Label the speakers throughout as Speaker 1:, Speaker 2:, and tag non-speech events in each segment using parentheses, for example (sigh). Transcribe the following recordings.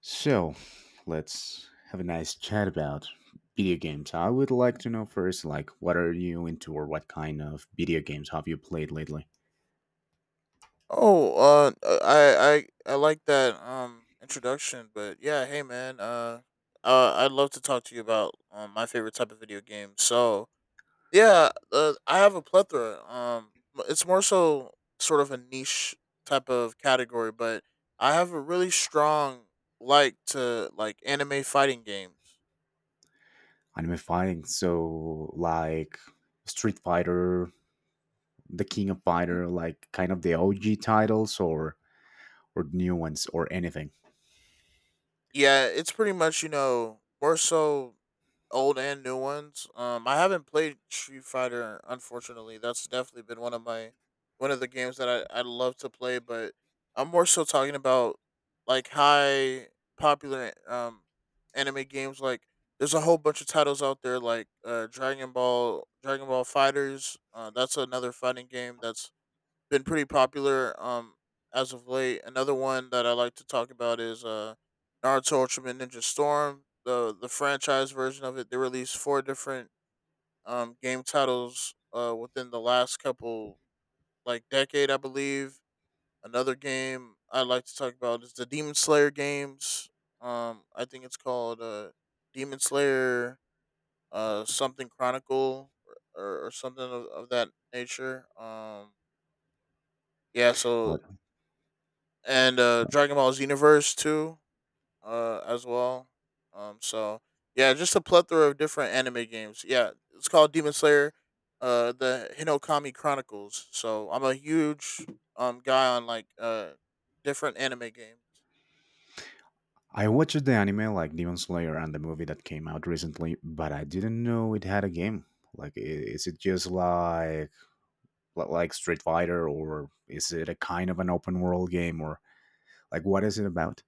Speaker 1: So let's have a nice chat about video games. I would like to know first, like, what are you into or what kind of video games have you played lately?
Speaker 2: Oh, uh, uh, I, I like that introduction, but yeah, hey man, I'd love to talk to you about my favorite type of video game. So yeah, I have a plethora. It's more so sort of a niche type of category, but I have a really strong like to like anime fighting games.
Speaker 1: Anime fighting, so like Street Fighter, The King of
Speaker 2: Mm.
Speaker 1: Fighter, like kind of the OG titles or new ones or anything.
Speaker 2: Yeah, it's pretty much you know more so old and new ones. I haven't played Street Fighter, unfortunately. That's definitely been one of the games that I love to play, but I'm more so talking about like high popular anime games. Like there's a whole bunch of titles out there, like Dragon Ball, Dragon Ball Fighters. That's another fighting game that's been pretty popular as of late. Another one that I like to talk about is Naruto Ultimate Ninja Storm, the franchise version of it. They released four different game titles within the last couple like decade, I believe. Another game I like to talk about is the Demon Slayer games. I think it's called Demon Slayer something chronicle or something of that nature. Yeah, so
Speaker 1: What?
Speaker 2: and
Speaker 1: No.
Speaker 2: Dragon Ball Xenoverse too, as well. Um, so yeah, just a plethora of different anime games. Yeah, it's called Demon Slayer, the Hinokami Chronicles. So I'm a huge guy on like different anime games.
Speaker 1: I watched the anime like Demon Slayer and the movie that came out recently, but I didn't know it had a game. Like, is it just like like Street Fighter, or is it a kind of an open world game, or like what is it about?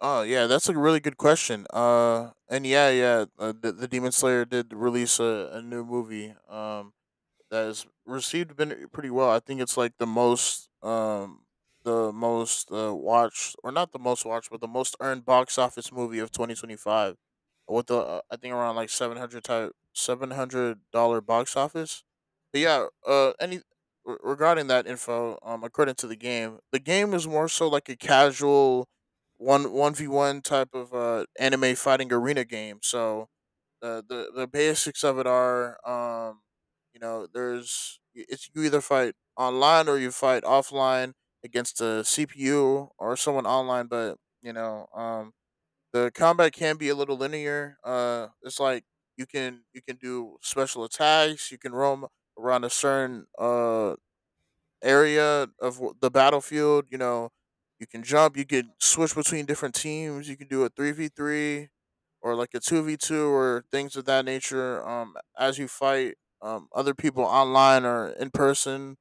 Speaker 2: Oh yeah, that's a really good question. And yeah, yeah, the Demon Slayer did release a new movie. That is received been pretty well. I think it's like the most watched, or not the most watched but the most earned box office movie of 2025 with the I think around like 700 type $700 box office. But yeah, regarding that info, according to the game is more so like a casual one 1v1 type of anime fighting arena game. So the basics of it are you know there's it's you either fight online or you fight offline against a CPU or someone online. But you know the combat can be a little linear. It's like you can do special attacks, you can roam around a certain area of the battlefield. You know, you can jump, you can switch between different teams, you can do a 3v3 or like a 2v2 or things of that nature, as you fight other people online or in person,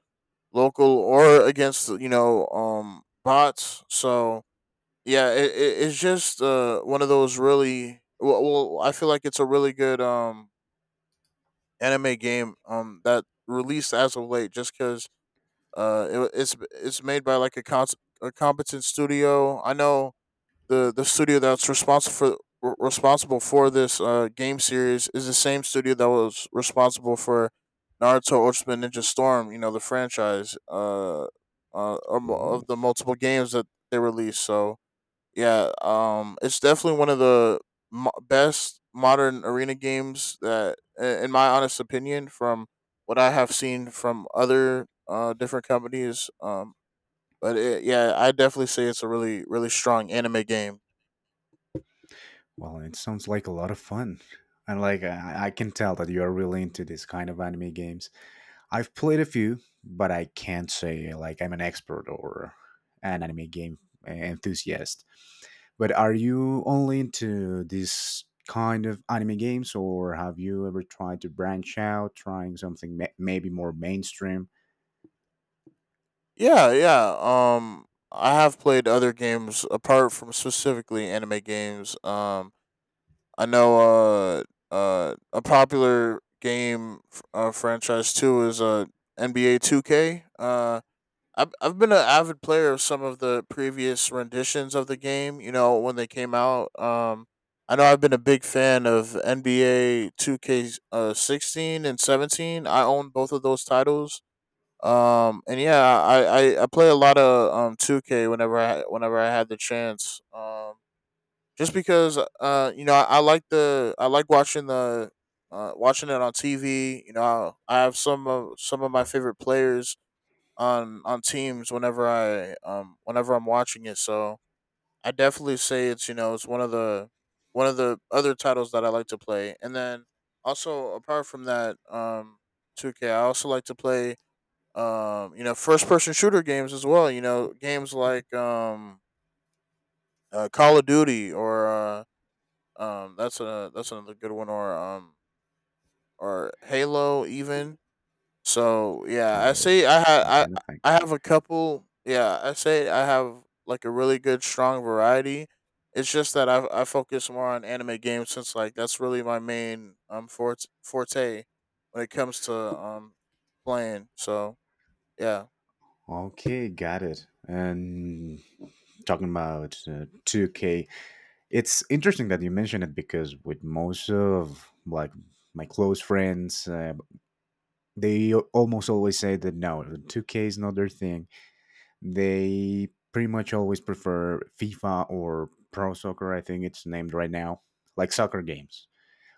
Speaker 2: local or against, you know, bots. So, yeah, it's just one of those really. Well, I feel like it's a really good anime game that released as of late just because it's made by like a competent studio. I know the studio that's responsible for responsible for this game series is the same studio that was responsible for Naruto Ultimate Ninja Storm. You know the franchise,
Speaker 1: Ooh,
Speaker 2: of the multiple games that they released. So yeah, it's definitely one of the best modern arena games that, in my honest opinion, from what I have seen from other different companies. Yeah, I definitely say it's a really, really strong anime game.
Speaker 1: well, it sounds like a lot of fun, and like I can tell that you are really into this kind of anime games. I've played a few, but I can't say like I'm an expert or an anime game enthusiast. But are you only into this kind of anime games, or have you ever tried to branch out, trying something maybe more mainstream?
Speaker 2: Yeah, yeah. I have played other games apart from specifically anime games. I know a popular game franchise too is NBA Two K. I've been an avid player of some of the previous renditions of the game. You know, when they came out. I know I've been a big fan of NBA Two K 16 and 17. I own both of those titles, and yeah, I play a lot of 2K whenever I had the chance. Just because you know, I like the I like watching the, watching it on TV. You know, I have some of my favorite players on teams whenever I whenever I'm watching it. So, I definitely say it's, you know, it's one of the other titles that I like to play. And then also, apart from that 2K, I also like to play you know, first person shooter games as well. You know, games like Call of Duty, or that's a that's another good one, or Halo even. So yeah, I
Speaker 1: Oh, yeah,
Speaker 2: say
Speaker 1: that's my
Speaker 2: I
Speaker 1: kind of thing.
Speaker 2: I have a couple. Yeah, I say I have like a really good strong variety. It's just that I focus more on anime games since like that's really my main forte when it comes to playing. So yeah.
Speaker 1: Okay, got it. And talking about 2K, it's interesting that you mentioned it because with most of like my close friends, they almost always say that no, 2K is not their thing. They pretty much always prefer FIFA or Pro Soccer, I think it's named right now, like soccer games,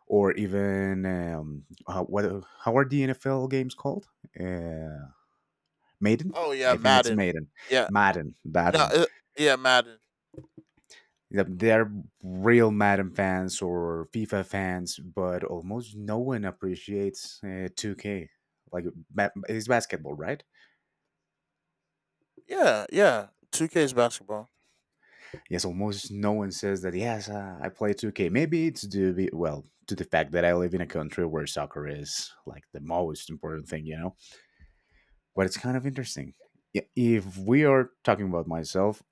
Speaker 1: or even what? How are the NFL games called? Uh, Maiden.
Speaker 2: Oh yeah,
Speaker 1: I think it's
Speaker 2: Madden.
Speaker 1: Maiden,
Speaker 2: Yeah.
Speaker 1: Madden, that
Speaker 2: No,
Speaker 1: one.
Speaker 2: Yeah, Madden.
Speaker 1: They're real Madden fans or FIFA fans, but almost no one appreciates 2K. Like it's basketball, right?
Speaker 2: Yeah, yeah. Two K is basketball.
Speaker 1: Yes, almost no one says that. Yes, I play 2K. Maybe it's due well to the fact that I live in a country where soccer is like the most important thing, you know. But it's kind of interesting. If we are talking about myself,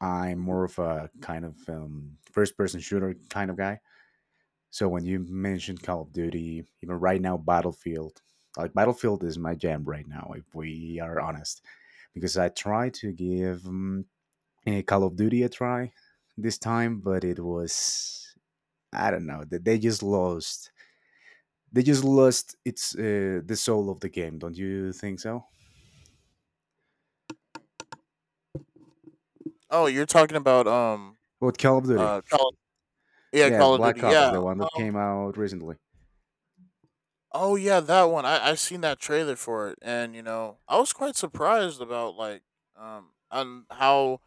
Speaker 1: I'm more of a kind of first-person shooter kind of guy. So when you mentioned Call of Duty, even right now Battlefield, like Battlefield is my jam right now. If we are honest, because I try to give Call of Duty a try this time, but it was, I don't know, that they just lost. They just lost its the soul of the game. Don't you think so?
Speaker 2: Oh, you're talking about
Speaker 1: What Call of Duty?
Speaker 2: Call yeah,
Speaker 1: Yes,
Speaker 2: Call of Duty.
Speaker 1: Black Ops, the
Speaker 2: Yeah.
Speaker 1: one that
Speaker 2: Um.
Speaker 1: came out recently.
Speaker 2: Oh yeah, that one. I seen that trailer for it, and you know I was quite surprised about like on how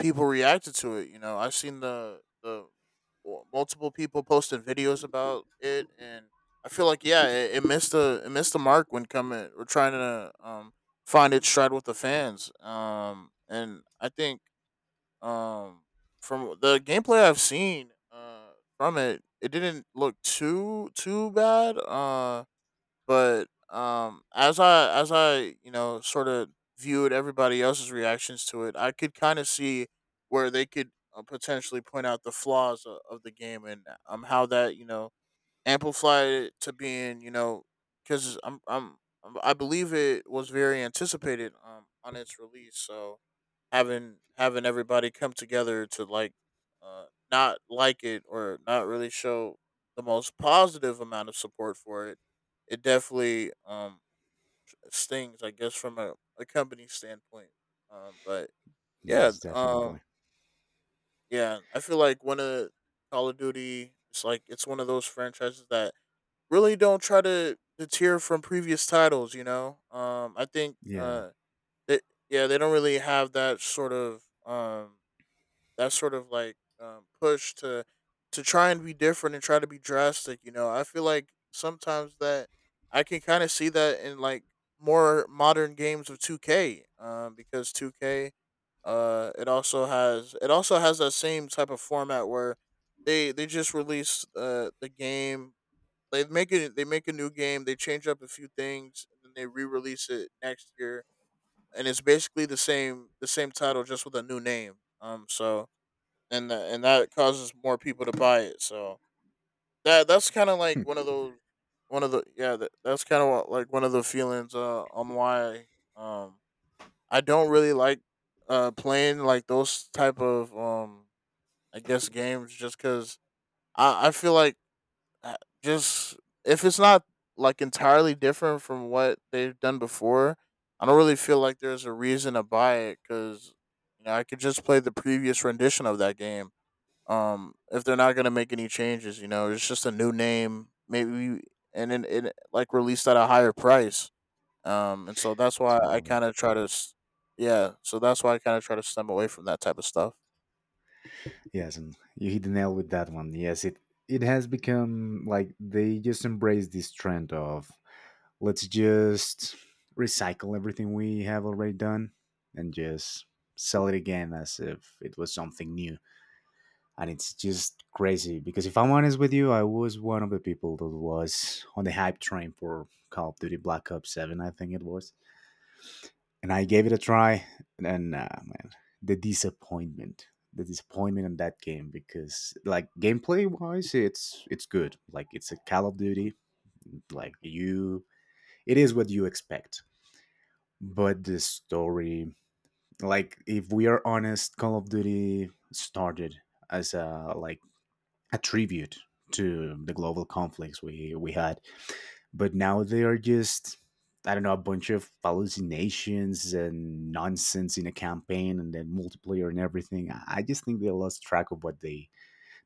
Speaker 2: people reacted to it. You know, I've seen multiple people posting videos about it, and I feel like yeah, it missed the mark when coming. We're trying to find its stride with the fans. And I think um from the gameplay I've seen from it, it didn't look too too bad. But as I, you know, sort of viewed everybody else's reactions to it, I could kind of see where they could potentially point out the flaws of the game, and how that you know amplified it to being, you know, because I'm, I believe it was very anticipated on its release, so having everybody come together to like uh, not like it or not really show the most positive amount of support for it, it definitely stings, I guess, from a company standpoint. But yeah,
Speaker 1: Yes, definitely.
Speaker 2: yeah, I feel like one of Call of Duty, it's like it's one of those franchises that really don't try to deter from previous titles. You know, I think
Speaker 1: Yeah,
Speaker 2: they, yeah, they don't really have that sort of like push to try and be different and try to be drastic. You know, I feel like sometimes that I can kind of see that in like more modern games of 2K, because 2K, it also has that same type of format where they just release the game. They make it. They make a new game. They change up a few things, and then they re-release it next year. And it's basically the same title, just with a new name. So and and that causes more people to buy it. So that's kind of like one of those one of the yeah that, that's kind of like one of the feelings on why um I don't really like playing like those type of I guess games just because I feel like uh, just if it's not like entirely different from what they've done before. I don't really feel like there's a reason to buy it because you know I could just play the previous rendition of that game, if they're not gonna make any changes, you know, it's just a new name, maybe, and then it like released at a higher price. And so that's why I
Speaker 1: totally.
Speaker 2: kind of try to, yeah. So that's why I kind of try to stem away from that type of stuff.
Speaker 1: Yes, and you hit the nail with that one. Yes, it has become like they just embrace this trend of let's just recycle everything we have already done and just sell it again as if it was something new. And it's just crazy because if I'm honest with you, I was one of the people that was on the hype train for Call of Duty Black Ops 7, I think it was. And I gave it a try, and man, the disappointment. The disappointment in that game because, like, gameplay wise, it's good. Like, it's a Call of Duty. Like, you, it is what you expect. But the story, like if we are honest, Call of Duty started as a like a tribute to the global conflicts we had, but now they are just, I don't know, a bunch of hallucinations and nonsense in a campaign and then multiplayer and everything. I just think they lost track of what they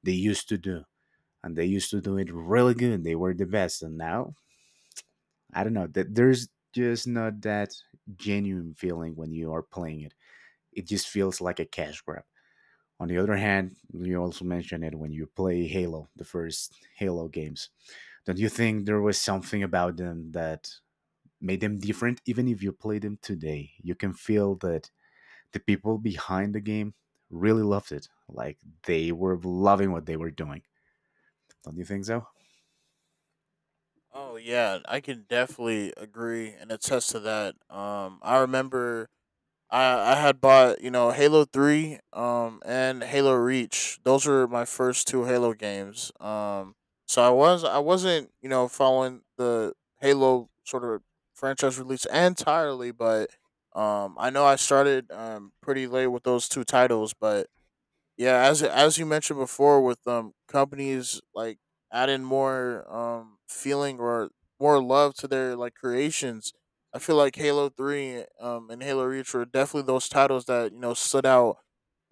Speaker 1: they used to do, and they used to do it really good. They were the best, and now I don't know that there's just not that genuine feeling when you are playing it. It just feels like a cash grab. On the other hand, you also mentioned it when you play Halo, the first Halo games. Don't you think there was something about them that made them different? Even if you play them today, you can feel that the people behind the game really loved it. Like they were loving what they were doing. Don't you think so?
Speaker 2: Oh yeah, I can definitely agree and attest to that. I remember I had bought, you know, Halo Three, and Halo Reach. Those were my first two Halo games. So I was I wasn't, you know, following the Halo sort of franchise release entirely, but I know I started pretty late with those two titles. But yeah, as you mentioned before with companies like adding more feeling or more love to their like creations, I feel like halo 3 and halo reach were definitely those titles that you know stood out,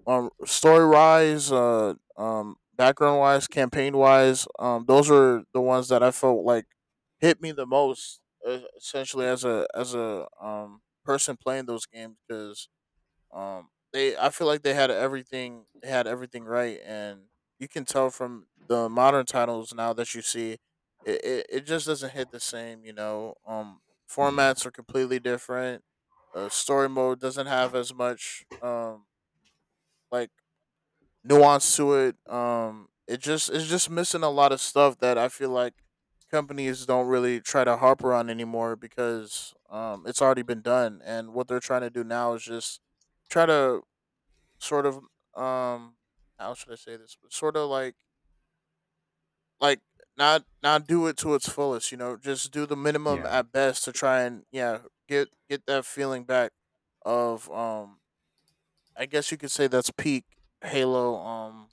Speaker 2: story wise, background wise, campaign wise, those were the ones that I felt like hit me the most, essentially as a person playing those games, because they I feel like they had everything right, and you can tell from the modern titles now that you see, it just doesn't hit the same. You know,
Speaker 1: Yeah.
Speaker 2: formats are completely different. Story mode doesn't have as much like nuance to it. It just it's just missing a lot of stuff that I feel like companies don't really try to harp on anymore because it's already been done. And what they're trying to do now is just try to sort of um how should I say this? Sort of like not do it to its fullest, you know, just do the minimum
Speaker 1: Yeah.
Speaker 2: at best to try and yeah, get that feeling back of I guess you could say that's peak Halo um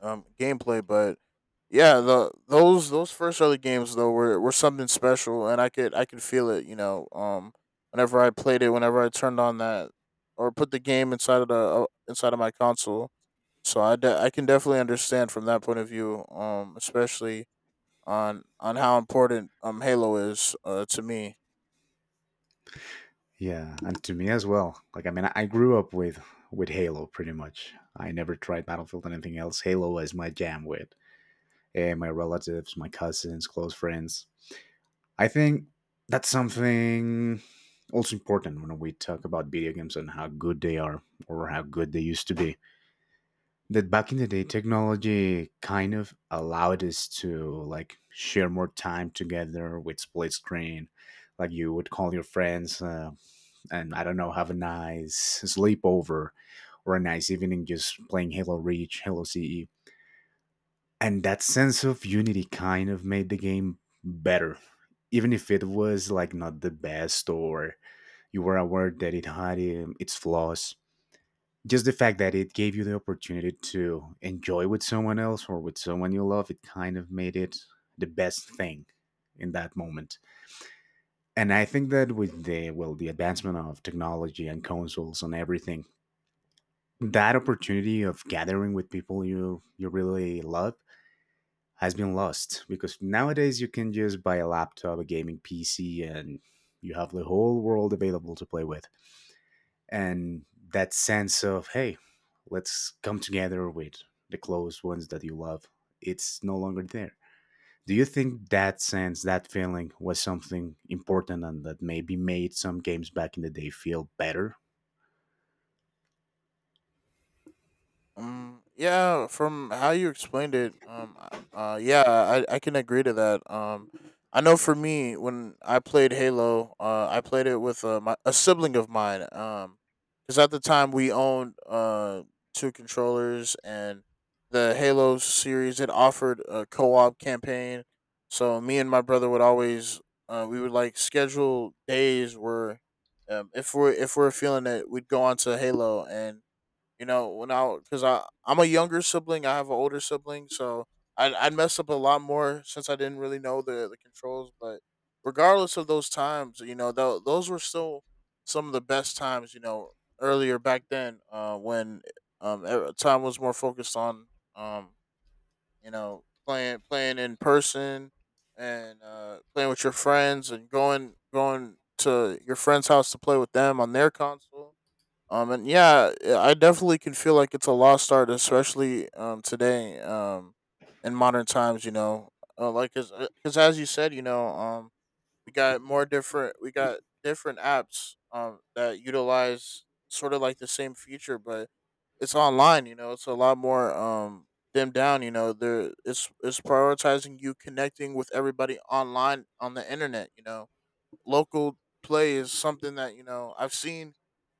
Speaker 2: um gameplay, but yeah, the those first early games though were something special and I could feel it, you know, whenever I played it, whenever I turned on that or put the game inside of the inside of my console. So I can definitely understand from that point of view, especially on how important Halo is to me.
Speaker 1: Yeah. And to me as well. Like I mean I grew up with Halo pretty much. I never tried Battlefield or anything else. Halo was my jam with and my relatives, my cousins, close friends. I think that's something also important when we talk about video games and how good they are or how good they used to be. That back in the day, technology kind of allowed us to like share more time together with split screen. Like you would call your friends and I don't know, have a nice sleepover or a nice evening just playing Halo Reach, Halo CE. And that sense of unity kind of made the game better even if it was like not the best or you were aware that it had its flaws. Just the fact that it gave you the opportunity to enjoy with someone else or with someone you love, it kind of made it the best thing in that moment. And I think that with the, well, the advancement of technology and consoles and everything, that opportunity of gathering with people you really love has been lost because nowadays you can just buy a laptop, a gaming PC, and you have the whole world available to play with. And that sense of, hey, let's come together with the close ones that you love, it's no longer there. Do you think that sense, that feeling was something important and that maybe made some games back in the day feel better?
Speaker 2: Yeah, from how you explained it, yeah, I can agree to that. I know for me, when I played Halo, I played it with a sibling of mine. Because at the time we owned two controllers, and the Halo series it offered a co-op campaign. So me and my brother would always, we would like schedule days where, if we're feeling it, we'd go on to Halo and you know, when I because I'm a younger sibling, I have an older sibling, so I messed up a lot more since I didn't really know the controls. But regardless of those times, you know, those were still some of the best times. You know, earlier back then, when time was more focused on um you know playing in person and playing with your friends and going to your friend's house to play with them on their console, and yeah, I definitely can feel like it's a lost art, especially today, in modern times. You know, like because as you said, you know, we got different apps that utilize sort of like the same feature, but it's online. You know, it's a lot more dimmed down. You know, there it's prioritizing you connecting with everybody online on the internet. You know, local play is something that you know I've seen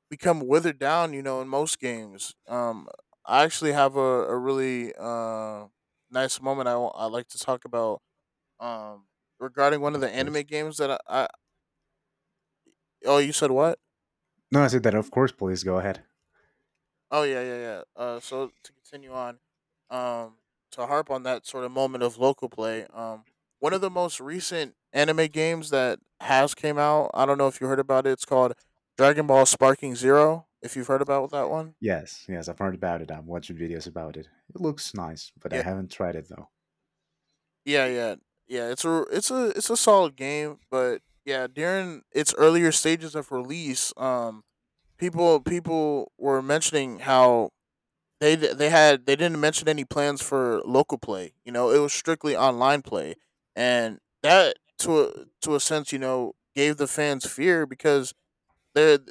Speaker 2: become withered down, you know, in most games. I actually have a really nice moment I like to talk about, um, regarding one of
Speaker 1: Of
Speaker 2: the
Speaker 1: course.
Speaker 2: anime games that I. Oh, you said what?
Speaker 1: No, I said that, of course, please go ahead.
Speaker 2: Oh, yeah, yeah, yeah. So to continue on, um, to harp on that sort of moment of local play, one of the most recent anime games that has came out, I don't know if you heard about it, it's called Dragon Ball Sparking Zero, if you've heard about that one.
Speaker 1: Yes, yes, I've heard about it. I've watched videos about it. It looks nice, but I
Speaker 2: Yeah,
Speaker 1: haven't tried it though.
Speaker 2: yeah, yeah, yeah. It's a solid game, but yeah, during its earlier stages of release, people were mentioning how they d- they had they didn't mention any plans for local play. You know, it was strictly online play, and that to to a sense, you know, gave the fans fear because the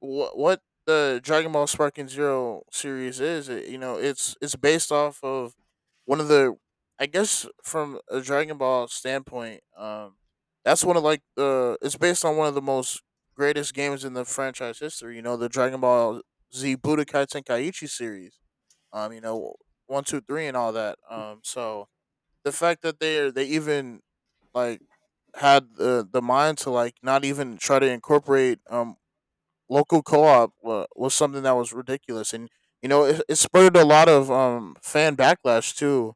Speaker 2: what the Dragon Ball Sparking Zero series is. It, you know, it's based off of one of the I guess from a Dragon Ball standpoint, that's one of like the it's based on one of the most greatest games in the franchise history. You know, the Dragon Ball Z Budokai Tenkaichi series. You know, one, two, three, and all that. So the fact that they even like had the mind to like not even try to incorporate local co-op wa was something that was ridiculous, and you know it spurred a lot of fan backlash too.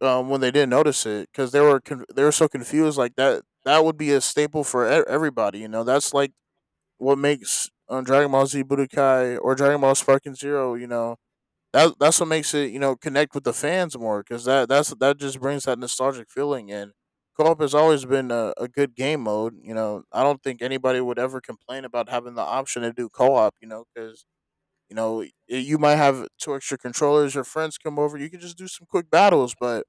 Speaker 2: When they didn't notice it because they were so confused, like that would be a staple for everybody. You know, that's like what makes, Dragon Ball Z Budokai or Dragon Ball Sparking Zero. You know, that's what makes it you know connect with the fans more because that just brings that nostalgic feeling in. Co-op has always been a good game mode. You know, I don't think anybody would ever complain about having the option to do co-op. You know, because you know you might have two extra controllers. Your friends come over, you can just do some quick battles. But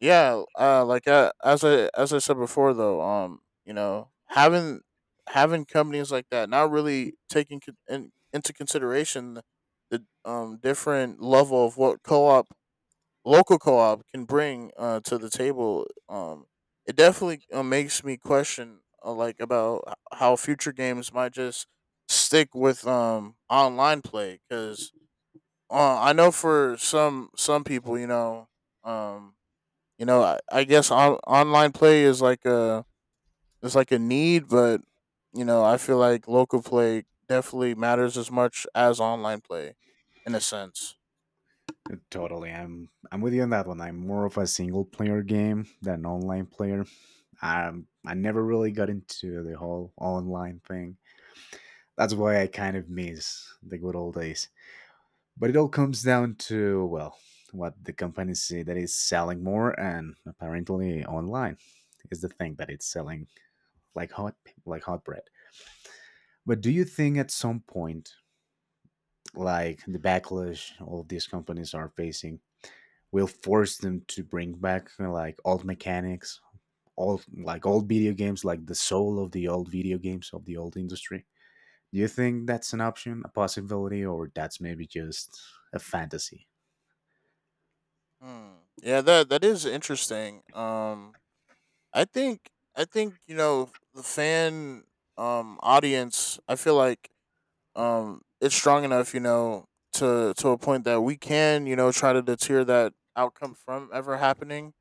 Speaker 2: yeah as I said before though you know having having companies like that not really taking into consideration the, different level of what co-op local co-op can bring to the table, it definitely, makes me question, like about how future games might just stick with online play because, I know for some people um you know, I guess online play is like a need, but you know, I feel like local play definitely matters as much as online play, in a sense.
Speaker 1: Totally, I'm with you on that one. I'm more of a single player game than an online player. I never really got into the whole online thing. That's why I kind of miss the good old days. But it all comes down to, well, what the companies see that is selling more, and apparently online is the thing that it's selling like hot, like hot bread. But do you think at some point, like the backlash all of these companies are facing, will force them to bring back like old mechanics, old, like old video games, like the soul of the old video games of the old industry. Do you think that's an option, a possibility, or that's maybe just a fantasy?
Speaker 2: Hmm. Yeah, that is interesting. I think I think you know the fan audience. I feel like it's strong enough, you know, to a point that we can you know try to deter that outcome from ever happening.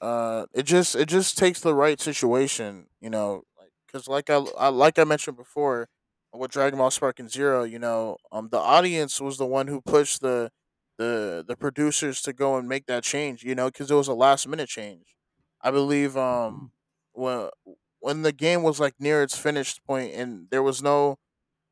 Speaker 2: It just it just takes the right situation, you know, like because like I like I mentioned before with Dragon Ball Spark and Zero, you know, the audience was the one who pushed the producers to go and make that change, you know, because it was a last minute change. I believe when when the game was like near its finished point and there was no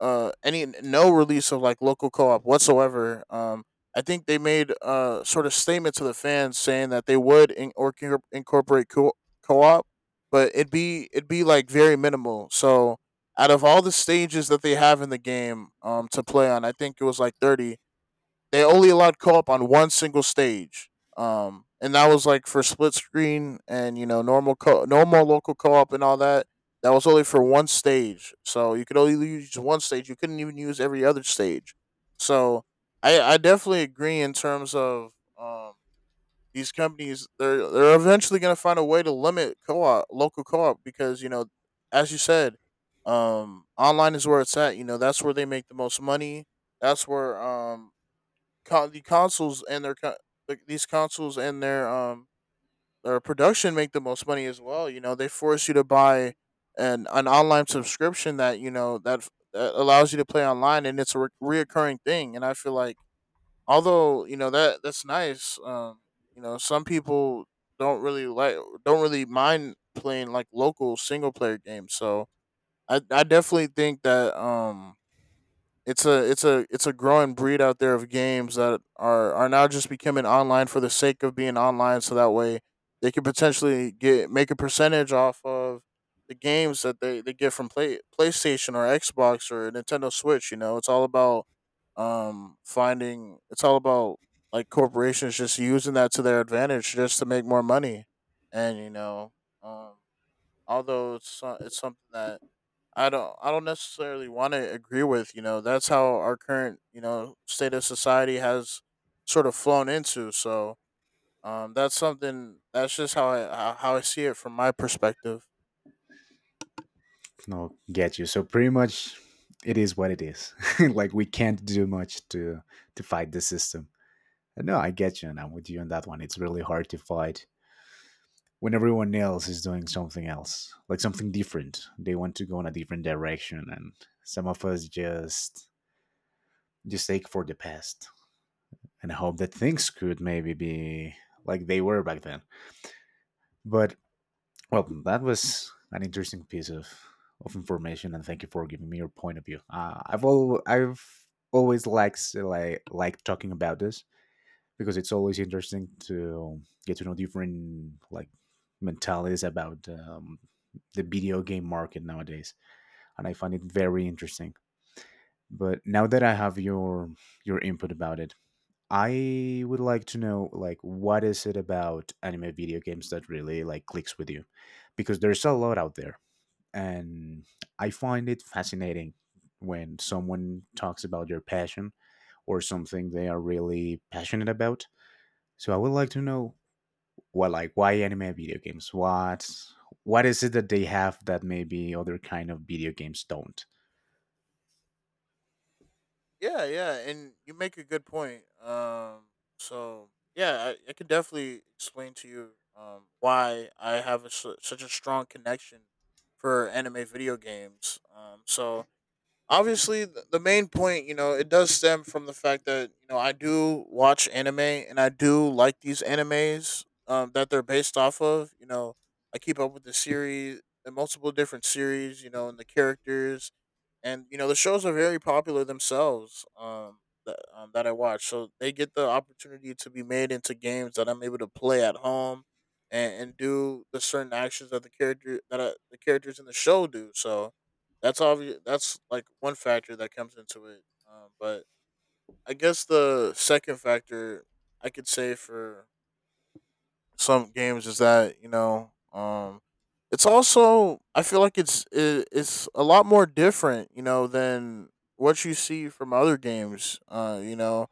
Speaker 2: any no release of like local co-op whatsoever. I think they made sort of statement to the fans saying that they would in- or can incorporate co-op, but it'd be like very minimal. So out of all the stages that they have in the game to play on, I think it was like 30 they only allowed co-op on one single stage. And that was like for split screen and you know normal local co-op and all that. That was only for one stage, so you could only use one stage. You couldn't even use every other stage. So I definitely agree in terms of um these companies they're eventually going to find a way to limit co-op local co-op because you know as you said online is where it's at you know that's where they make the most money, that's where con- the consoles and their co- these consoles and their production make the most money as well. You know, they force you to buy an online subscription that you know that allows you to play online, and it's a reoccurring thing. And I feel like although you know that that's nice, you know, some people don't really like don't really mind playing like local single player games. So I definitely think that it's a growing breed out there of games that are now just becoming online for the sake of being online so that way they can potentially get make a percentage off of the games that they get from PlayStation or Xbox or Nintendo Switch, you know. It's all about um finding it's all about like corporations just using that to their advantage just to make more money. And you know, um although it's something that I don't necessarily want to agree with, you know, that's how our current, you know, state of society has sort of flown into. So, that's something that's just how I see it from my perspective.
Speaker 1: No, get you. So pretty much, it is what it is. (laughs) Like we can't do much to fight the system. And no, I get you, and I'm with you on that one. It's really hard to fight when everyone else is doing something else, like something different. They want to go in a different direction, and some of us just ache for the past and hope that things could maybe be like they were back then. But well, that was an interesting piece of information, and thank you for giving me your point of view. I've always liked like talking about this because it's always interesting to get to know different like mentalities about the video game market nowadays, and I find it very interesting. But now that I have your input about it, I would like to know like what is it about anime video games that really like clicks with you because there's a lot out there and I find it fascinating when someone talks about their passion or something they are really passionate about. So I would like to know what, like, why anime video games? What is it that they have that maybe other kind of video games don't?
Speaker 2: Yeah, yeah, and you make a good point. So, yeah, I could definitely explain to you why I have such a strong connection for anime video games. So, obviously the main point you know it does stem from the fact that you know I do watch anime and I do like these animes that they're based off of you know I keep up with the series the multiple different series you know and the characters and you know the shows are very popular themselves. That I watch, so they get the opportunity to be made into games that I'm able to play at home and do the certain actions that the characters in the show do. So that's obvious. That's like one factor that comes into it. But I guess the second factor I could say for some games is that it's also, I feel like it's a lot more different, you know, than what you see from other games,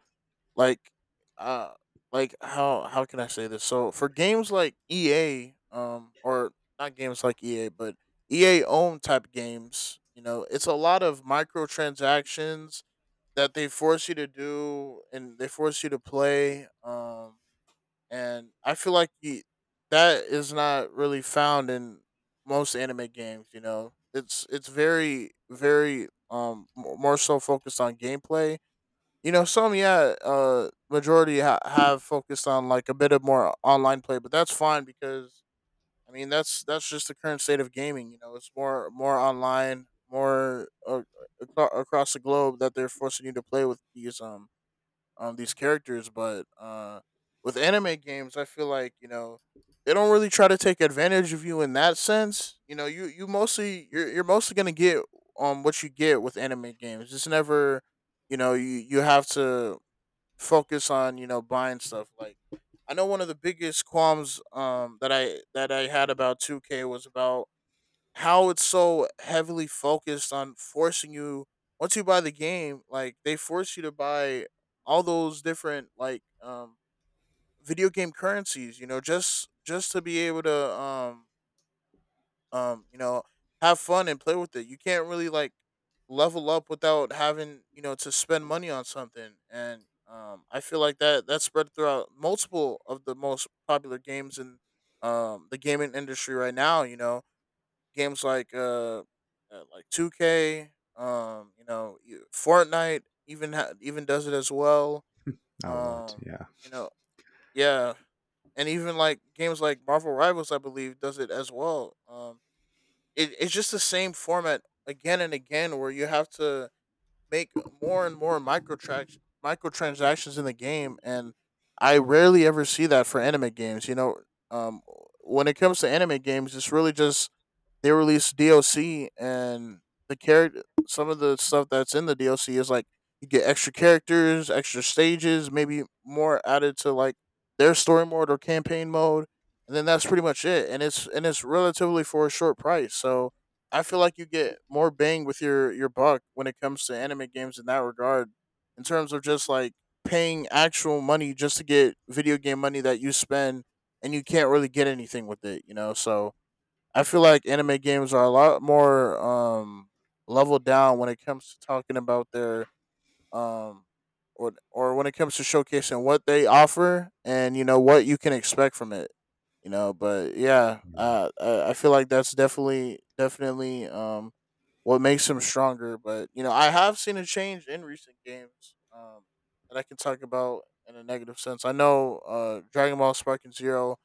Speaker 2: like uh how can I say this. So for games like EA, or not games like EA, but EA own type games, you know, it's a lot of microtransactions that they force you to do and they force you to play. And I feel like that is not really found in most anime games. You know, it's very very more so focused on gameplay. You know, some. Yeah. Majority have focused on like a bit of more online play, but that's fine because I mean that's just the current state of gaming. You know, it's more online, more across the globe that they're forcing you to play with these these characters. But with anime games, I feel like, you know, they don't really try to take advantage of you in that sense. You know, you're mostly gonna get what you get with anime games. It's never, you know, you have to focus on, you know, buying stuff like. I know one of the biggest qualms, that I had about 2K, was about how it's so heavily focused on forcing you, once you buy the game, like they force you to buy all those different like, video game currencies, you know, just to be able to, um you know have fun and play with it. You can't really like level up without having, you know, to spend money on something. And I feel like that spread throughout multiple of the most popular games in the gaming industry right now. You know, games like, 2K, you know, Fortnite even even does it as well.
Speaker 1: A lot,
Speaker 2: Um,
Speaker 1: yeah.
Speaker 2: you know, yeah, and even like games like Marvel Rivals, I believe, does it as well. It's just the same format again and again, where you have to make more and more microtransactions in the game. And I rarely ever see that for anime games. You know, um, when it comes to anime games, it's really just they released DLC, and the character, some of the stuff that's in the DLC is like you get extra characters, extra stages, maybe more added to like their story mode or campaign mode, and then that's pretty much it. And it's relatively for a short price. So I feel like you get more bang with your buck when it comes to anime games in that regard, in terms of just like paying actual money just to get video game money that you spend and you can't really get anything with it, you know. So I feel like anime games are a lot more leveled down when it comes to talking about their, um, or when it comes to showcasing what they offer and, you know, what you can expect from it. You know, but yeah, I feel like that's definitely what makes them stronger. But, you know, I have seen a change in recent games that I can talk about in a negative sense. I know, Dragon Ball Spark and Zero,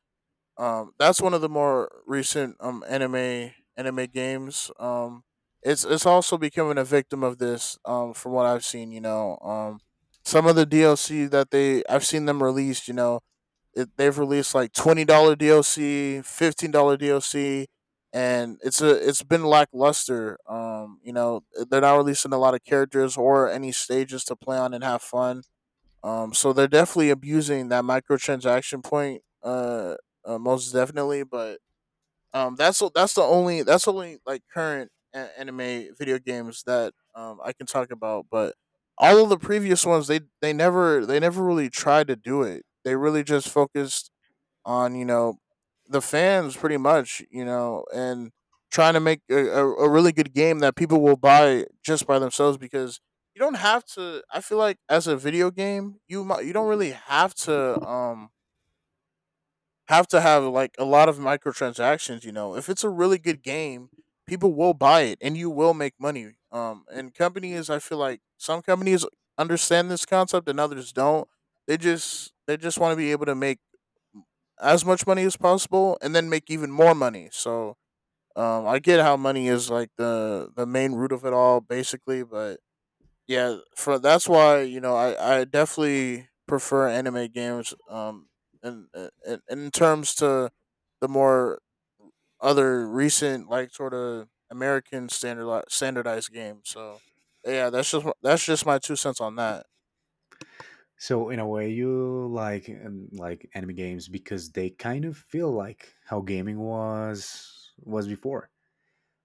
Speaker 2: that's one of the more recent anime games. It's also becoming a victim of this. From what I've seen, you know, some of the DLC that they I've seen them release, you know, they've released like $20 DLC, $15 DLC, and it's been lackluster. You know, they're not releasing a lot of characters or any stages to play on and have fun. Um, so they're definitely abusing that microtransaction point. Most definitely. But that's the only that's only like current anime video games that I can talk about. But all of the previous ones, they never really tried to do it. They really just focused on, you know, the fans pretty much, you know, and trying to make a really good game that people will buy just by themselves. Because you don't have to, I feel like, as a video game, you you don't really have to, um, have to have like a lot of microtransactions. You know, if it's a really good game, people will buy it and you will make money. Um, and companies, I feel like some companies understand this concept and others don't. They just want to be able to make as much money as possible and then make even more money. So I get how money is like the main root of it all, basically. But yeah, for that's why, you know, I definitely prefer anime games. And in terms to the more other recent like sort of American standardized games. So yeah, that's just my 2 cents on that.
Speaker 1: So in a way, you like anime games because they kind of feel like how gaming was before.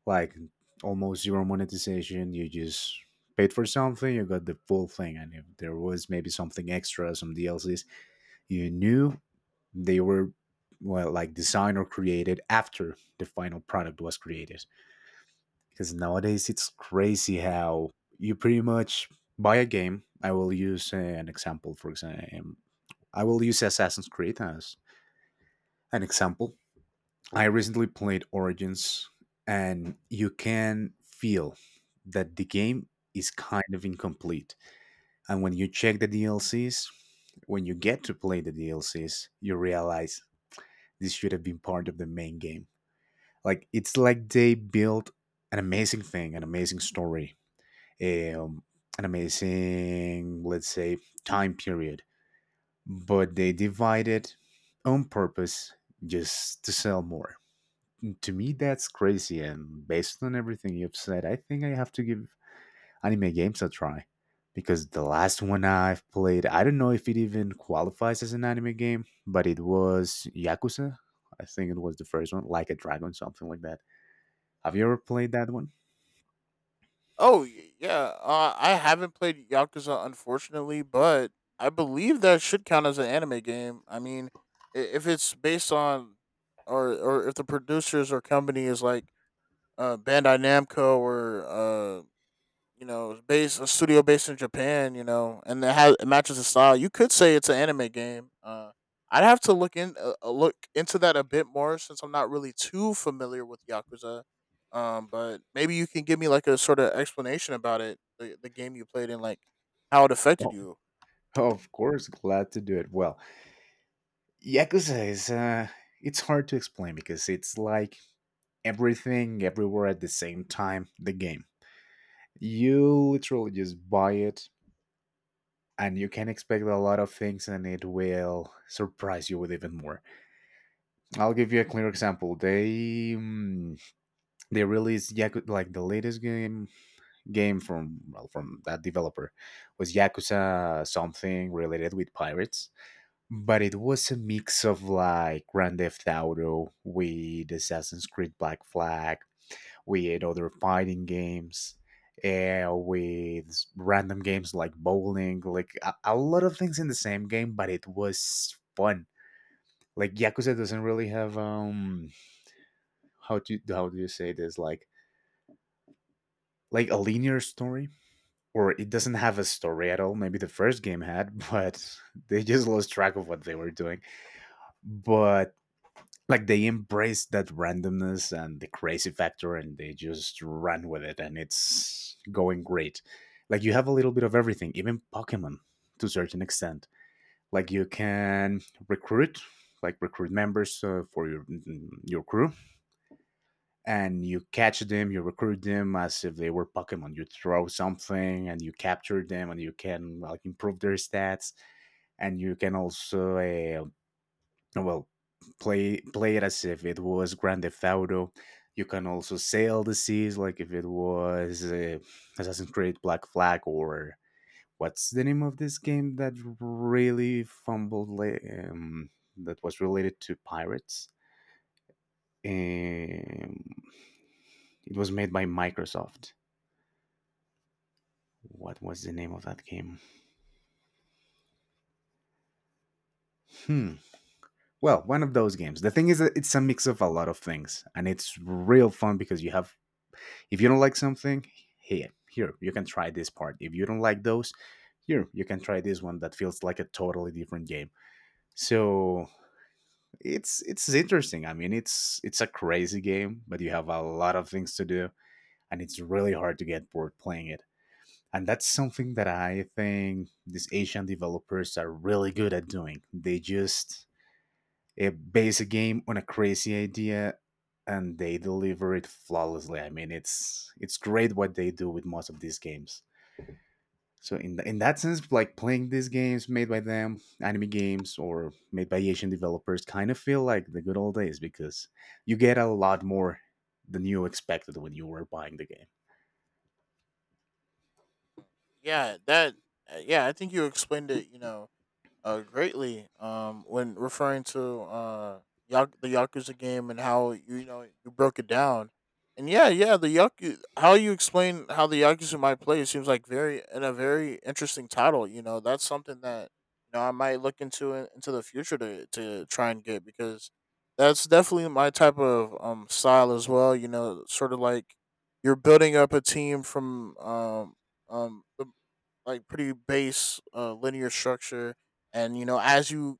Speaker 1: Like almost zero monetization. You just paid for something, you got the full thing, and if there was maybe something extra, some DLCs, you knew they were well like designed or created after the final product was created. Because nowadays it's crazy how you pretty much buy a game. I will use an example, for example, I will use Assassin's Creed as an example. I recently played Origins, and you can feel that the game is kind of incomplete. And when you check the DLCs, when you get to play the DLCs, you realize this should have been part of the main game. Like it's like they built an amazing thing, an amazing story, um, an amazing, let's say, time period, but they divide it on purpose just to sell more. To me, that's crazy. And based on everything you've said, I think I have to give anime games a try because the last one I've played, I don't know if it even qualifies as an anime game, but it was Yakuza. I think it was the first one, like a dragon, something like that. Have you ever played that one?
Speaker 2: Oh, yeah, I haven't played Yakuza unfortunately, but I believe that should count as an anime game. I mean, if it's based on, or if the producers or company is like, Bandai Namco, or you know, it's based a studio based in Japan, you know, and it matches the style. You could say it's an anime game. I'd have to look in, look into that a bit more since I'm not really too familiar with Yakuza. But maybe you can give me like a sort of explanation about it, the game you played and like how it affected
Speaker 1: Well,
Speaker 2: you.
Speaker 1: of course, glad to do it. Well, Yakuza is it's hard to explain because it's like everything everywhere at the same time, the game. You literally just buy it, and you can expect a lot of things and it will surprise you with even more. I'll give you a clear example. They released like the latest game from from that developer was Yakuza, something related with pirates, but it was a mix of like Grand Theft Auto with Assassin's Creed Black Flag with other fighting games. With random games like bowling, like a lot of things in the same game, but it was fun. Like Yakuza doesn't really have how do you say this, like a linear story, or it doesn't have a story at all. Maybe the first game had, (laughs) but they just lost track of what they were doing. But like they embraced that randomness and the crazy factor, and they just ran with it, and it's going great. Like you have a little bit of everything, even pokemon, to a certain extent. Like you can recruit, like recruit members for your your crew, and you catch them, you recruit them as if they were Pokemon. You throw something and you capture them, and you can like improve their stats, and you can also well, play it as if it was Grand Theft Auto. You can also sail the seas like if it was Assassin's Creed Black Flag, or what's the name of this game that really fumbled, um, that was related to pirates, um, it was made by Microsoft. What was the name of that game? Hmm. Well, one of those games. The thing is that it's a mix of a lot of things, and it's real fun because you have. If you don't like something, here you can try this part. If you don't like those, here you can try this one that feels like a totally different game. So it's interesting. I mean, it's a crazy game, but you have a lot of things to do, and it's really hard to get bored playing it. And that's something that I think these Asian developers are really good at doing. They just base a game on a crazy idea, and they deliver it flawlessly. I mean, it's great what they do with most of these games. So in in that sense, like playing these games made by them, anime games or made by Asian developers, kind of feel like the good old days because you get a lot more than you expected when you were buying the game.
Speaker 2: Yeah, that. Yeah, I think you explained it, you know, greatly, when referring to, the Yakuza game, and how you, you know, you broke it down. And yeah, yeah, the Yaku how you explain how the Yakuza might play seems like very and a very interesting title. You know, that's something that, you know, I might look into into the future to try and get, because that's definitely my type of, um, style as well. You know, sort of like you're building up a team from, the like pretty base linear structure. And, you know, as you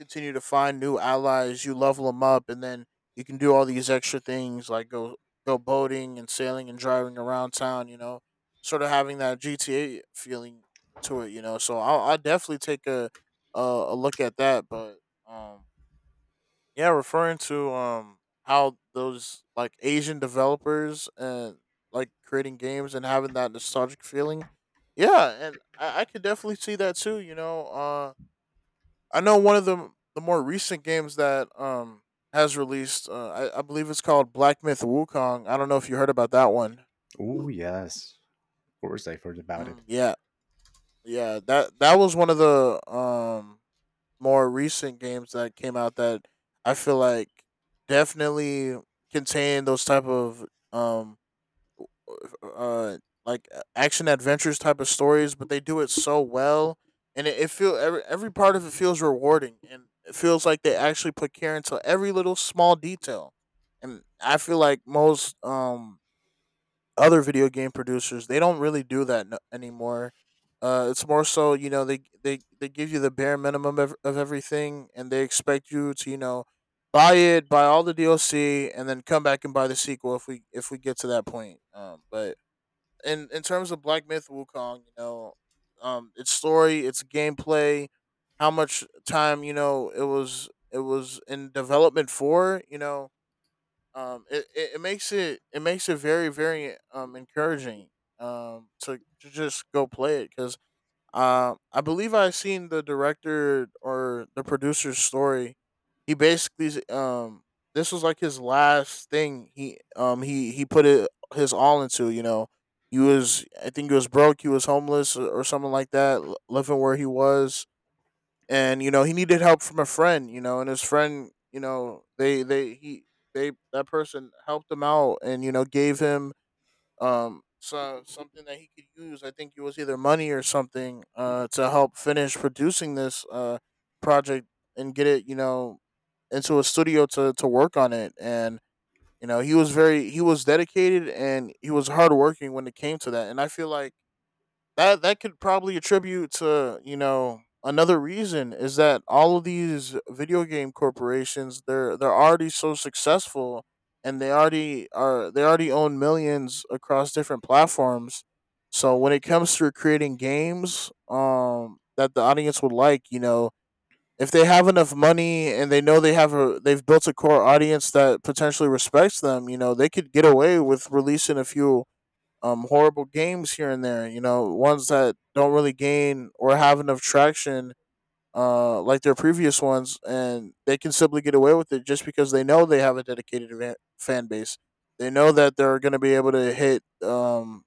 Speaker 2: continue to find new allies, you level them up, and then you can do all these extra things like go boating and sailing and driving around town. You know, sort of having that GTA feeling to it. You know, so I'll definitely take a look at that. But um, yeah, referring to, um, how those like Asian developers and like creating games and having that nostalgic feeling. Yeah, and I could definitely see that too. You know, I know one of the more recent games that has released. I believe it's called Black Myth Wukong. I don't know if you heard about that one.
Speaker 1: Oh yes, of course I've heard about it.
Speaker 2: Mm, yeah, yeah, that was one of the, um, more recent games that came out that I feel like definitely contained those type of, um uh action adventures type of stories, but they do it so well, and it feel every part of it feels rewarding, and it feels like they actually put care into every little small detail. And I feel like most, um, other video game producers they don't really do that anymore. It's more so, you know, they give you the bare minimum of everything, and they expect you to, you know, buy it, buy all the DLC, and then come back and buy the sequel if we get to that point. But in terms of Black Myth Wukong, you know, its story, its gameplay, how much time, you know, it was in development for. You know, it makes it very very, um, encouraging, um, to, just go play it. Because, I believe I seen the director or the producer's story. He basically this was like his last thing. He, he put it his all into. You know, he was, I think he was broke. He was homeless or something like that, living where he was, and you know he needed help from a friend. You know, and his friend, you know, they that person helped him out and you know gave him something that he could use. I think it was either money or something, to help finish producing this project and get it, you know, into a studio to work on it. And you know, he was dedicated and he was hardworking when it came to that. And I feel like that could probably attribute to, you know, another reason is that all of these video game corporations, they're already so successful, and they already own millions across different platforms. So when it comes to creating games, that the audience would like, you know, if they have enough money and they know they've built a core audience that potentially respects them, you know, they could get away with releasing a few horrible games here and there. You know, ones that don't really gain or have enough traction, like their previous ones, and they can simply get away with it just because they know they have a fan base. They know that they're going to be able to hit,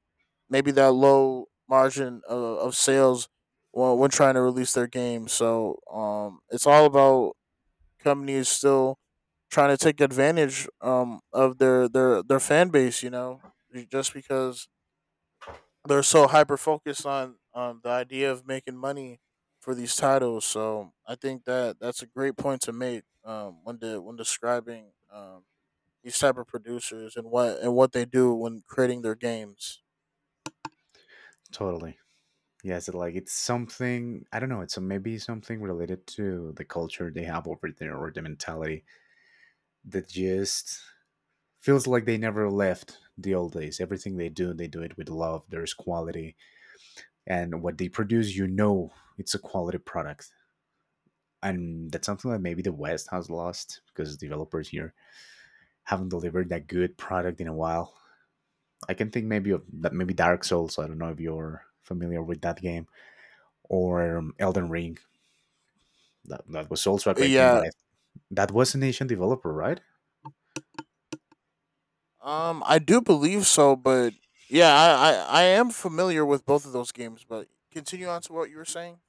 Speaker 2: maybe, that low margin of sales when trying to release their game. So it's all about companies still trying to take advantage, of their fan base, you know, just because they're so hyper focused on the idea of making money for these titles. So I think that that's a great point to make when when describing these type of producers and what they do when creating their games.
Speaker 1: Totally. Yes, it, like it's something, I don't know. It's maybe something related to the culture they have over there, or the mentality that just feels like they never left the old days. Everything they do it with love. There's quality, and what they produce, you know, it's a quality product. And that's something that maybe the West has lost, because developers here haven't delivered that good product in a while. I can think maybe of that, maybe Dark Souls. I don't know if you're familiar with that game, or Elden Ring, that was also a great game, but
Speaker 2: Yeah,
Speaker 1: I That was an Asian developer, right?
Speaker 2: I do believe so, but yeah, I am familiar with both of those games. But continue on to what you were saying.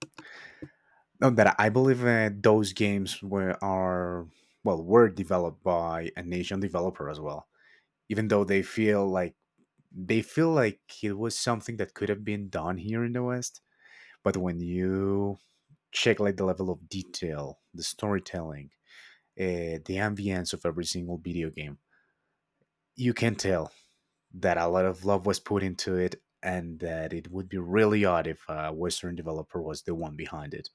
Speaker 1: No, that I believe those games were are, well, were developed by an Asian developer as well. Even though they feel like it was something that could have been done here in the West, but when you check like the level of detail, the storytelling, the ambience of every single video game, you can tell that a lot of love was put into it, and that it would be really odd if a Western developer was the one behind it.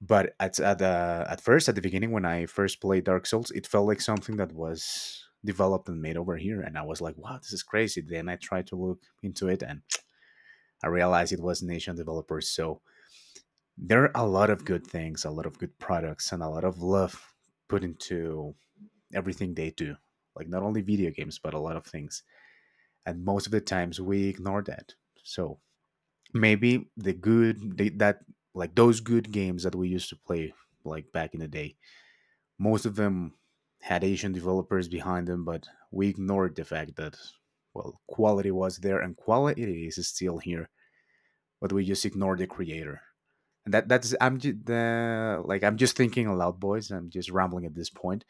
Speaker 1: But at first, at the beginning, when I first played Dark Souls, it felt like something that was developed and made over here, and I was like, "Wow, this is crazy." Then I tried to look into it, and I realized it was nation developers. So there are a lot of good things, a lot of good products, and a lot of love put into everything they do. Like not only video games, but a lot of things, and most of the times we ignore that. So maybe the that, like those good games that we used to play like back in the day, most of them had Asian developers behind them, but we ignored the fact that, well, quality was there and quality is still here, but we just ignored the creator. And that's I'm just like I'm just thinking aloud, boys. I'm just rambling at this point,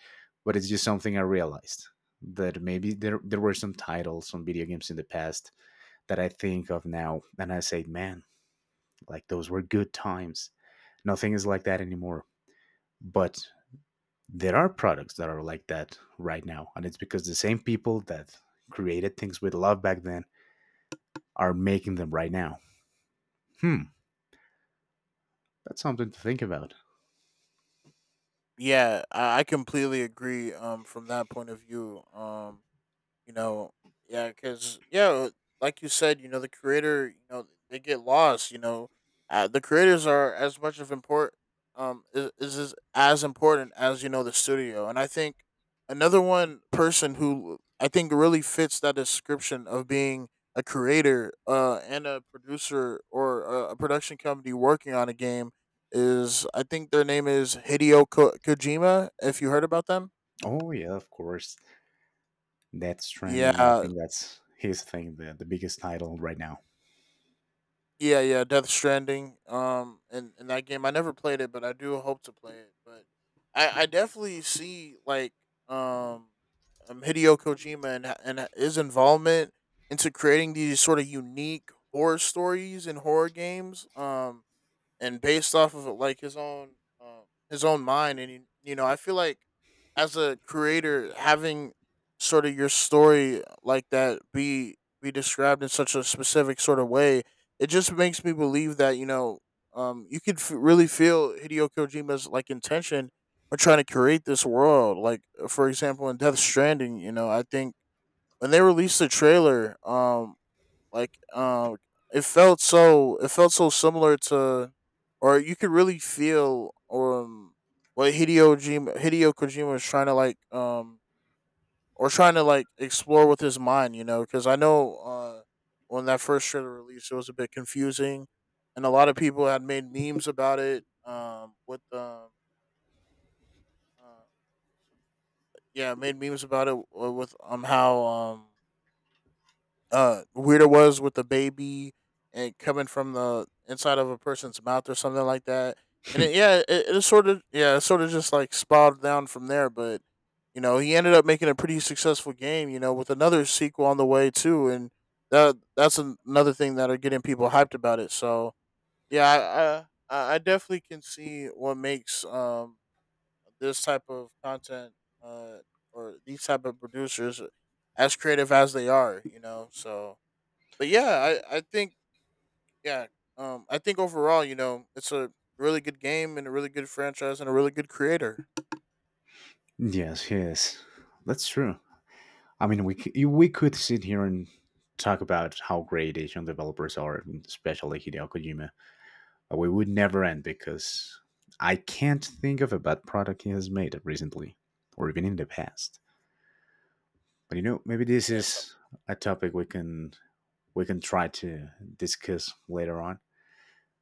Speaker 1: but it's just something I realized, that maybe there were some titles on video games in the past that I think of now, and I say, man, like those were good times. Nothing is like that anymore. But there are products that are like that right now, and it's because the same people that created things with love back then are making them right now. Hmm. That's something to think about.
Speaker 2: Yeah, I completely agree. From that point of view, you know yeah because yeah like you said, you know, the creator, you know, they get lost, you know. The creators are as much of import, is as important as, you know, the studio. And I think another one person who I think really fits that description of being a creator and a producer, or a production company working on a game, is, I think their name is, Hideo Kojima, if you heard about them.
Speaker 1: Oh yeah, of course. That's trending, I
Speaker 2: Yeah.
Speaker 1: think that's his thing, the biggest title right now.
Speaker 2: Yeah, yeah, Death Stranding. And in that game, I never played it, but I do hope to play it. But I definitely see like, um, Hideo Kojima and his involvement into creating these sort of unique horror stories and horror games. And based off of like his own, um, his own mind. And you know, I feel like as a creator, having sort of your story like that be described in such a specific sort of way, it just makes me believe that, you know, you could really feel Hideo Kojima's like intention when trying to create this world. Like, for example, in Death Stranding, you know, I think when they released the trailer, like um it felt so, it felt so similar to, or you could really feel, what Hideo Kojima was trying to like, or trying to like explore with his mind. You know, cuz I know, when that first trailer released, it was a bit confusing, and a lot of people had made memes about it, with uh, yeah, made memes about it with, how, weird it was with the baby and coming from the inside of a person's mouth or something like that. And
Speaker 1: Hmm.
Speaker 2: it, yeah, it sort of just like spiraled down from there. But you know, he ended up making a pretty successful game. You know, with another sequel on the way too, and that's another thing that are getting people hyped about it. So yeah, I definitely can see what makes this type of content, uh or these type of producers, as creative as they are. You know, so but yeah, I think, yeah, I think overall, you know, it's a really good game and a really good franchise and a really good creator.
Speaker 1: Yes, yes, that's true. I mean, we could sit here and talk about how great Asian developers are, especially Hideo Kojima. We would never end, because I can't think of a bad product he has made recently, or even in the past. But you know, maybe this
Speaker 2: Yeah, so
Speaker 1: is a topic we can try to discuss later on.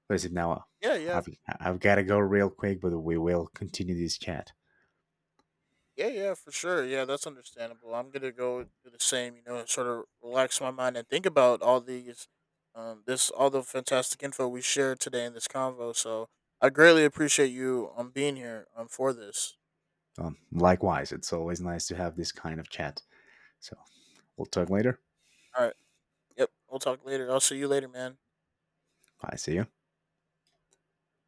Speaker 1: But as it now?
Speaker 2: yeah,
Speaker 1: I've I've got to go real quick, but we will continue this chat.
Speaker 2: yeah, yeah, for sure. Yeah, that's understandable. I'm gonna go do the same. You know, sort of relax my mind and think about all these, this all the fantastic info we shared today in this convo. So I greatly appreciate you being here for this.
Speaker 1: Likewise, it's always nice to have this kind of chat. So we'll talk
Speaker 2: Okay.
Speaker 1: later.
Speaker 2: All right. Yep. We'll talk later. I'll see you later, man.
Speaker 1: I see you.
Speaker 2: All right.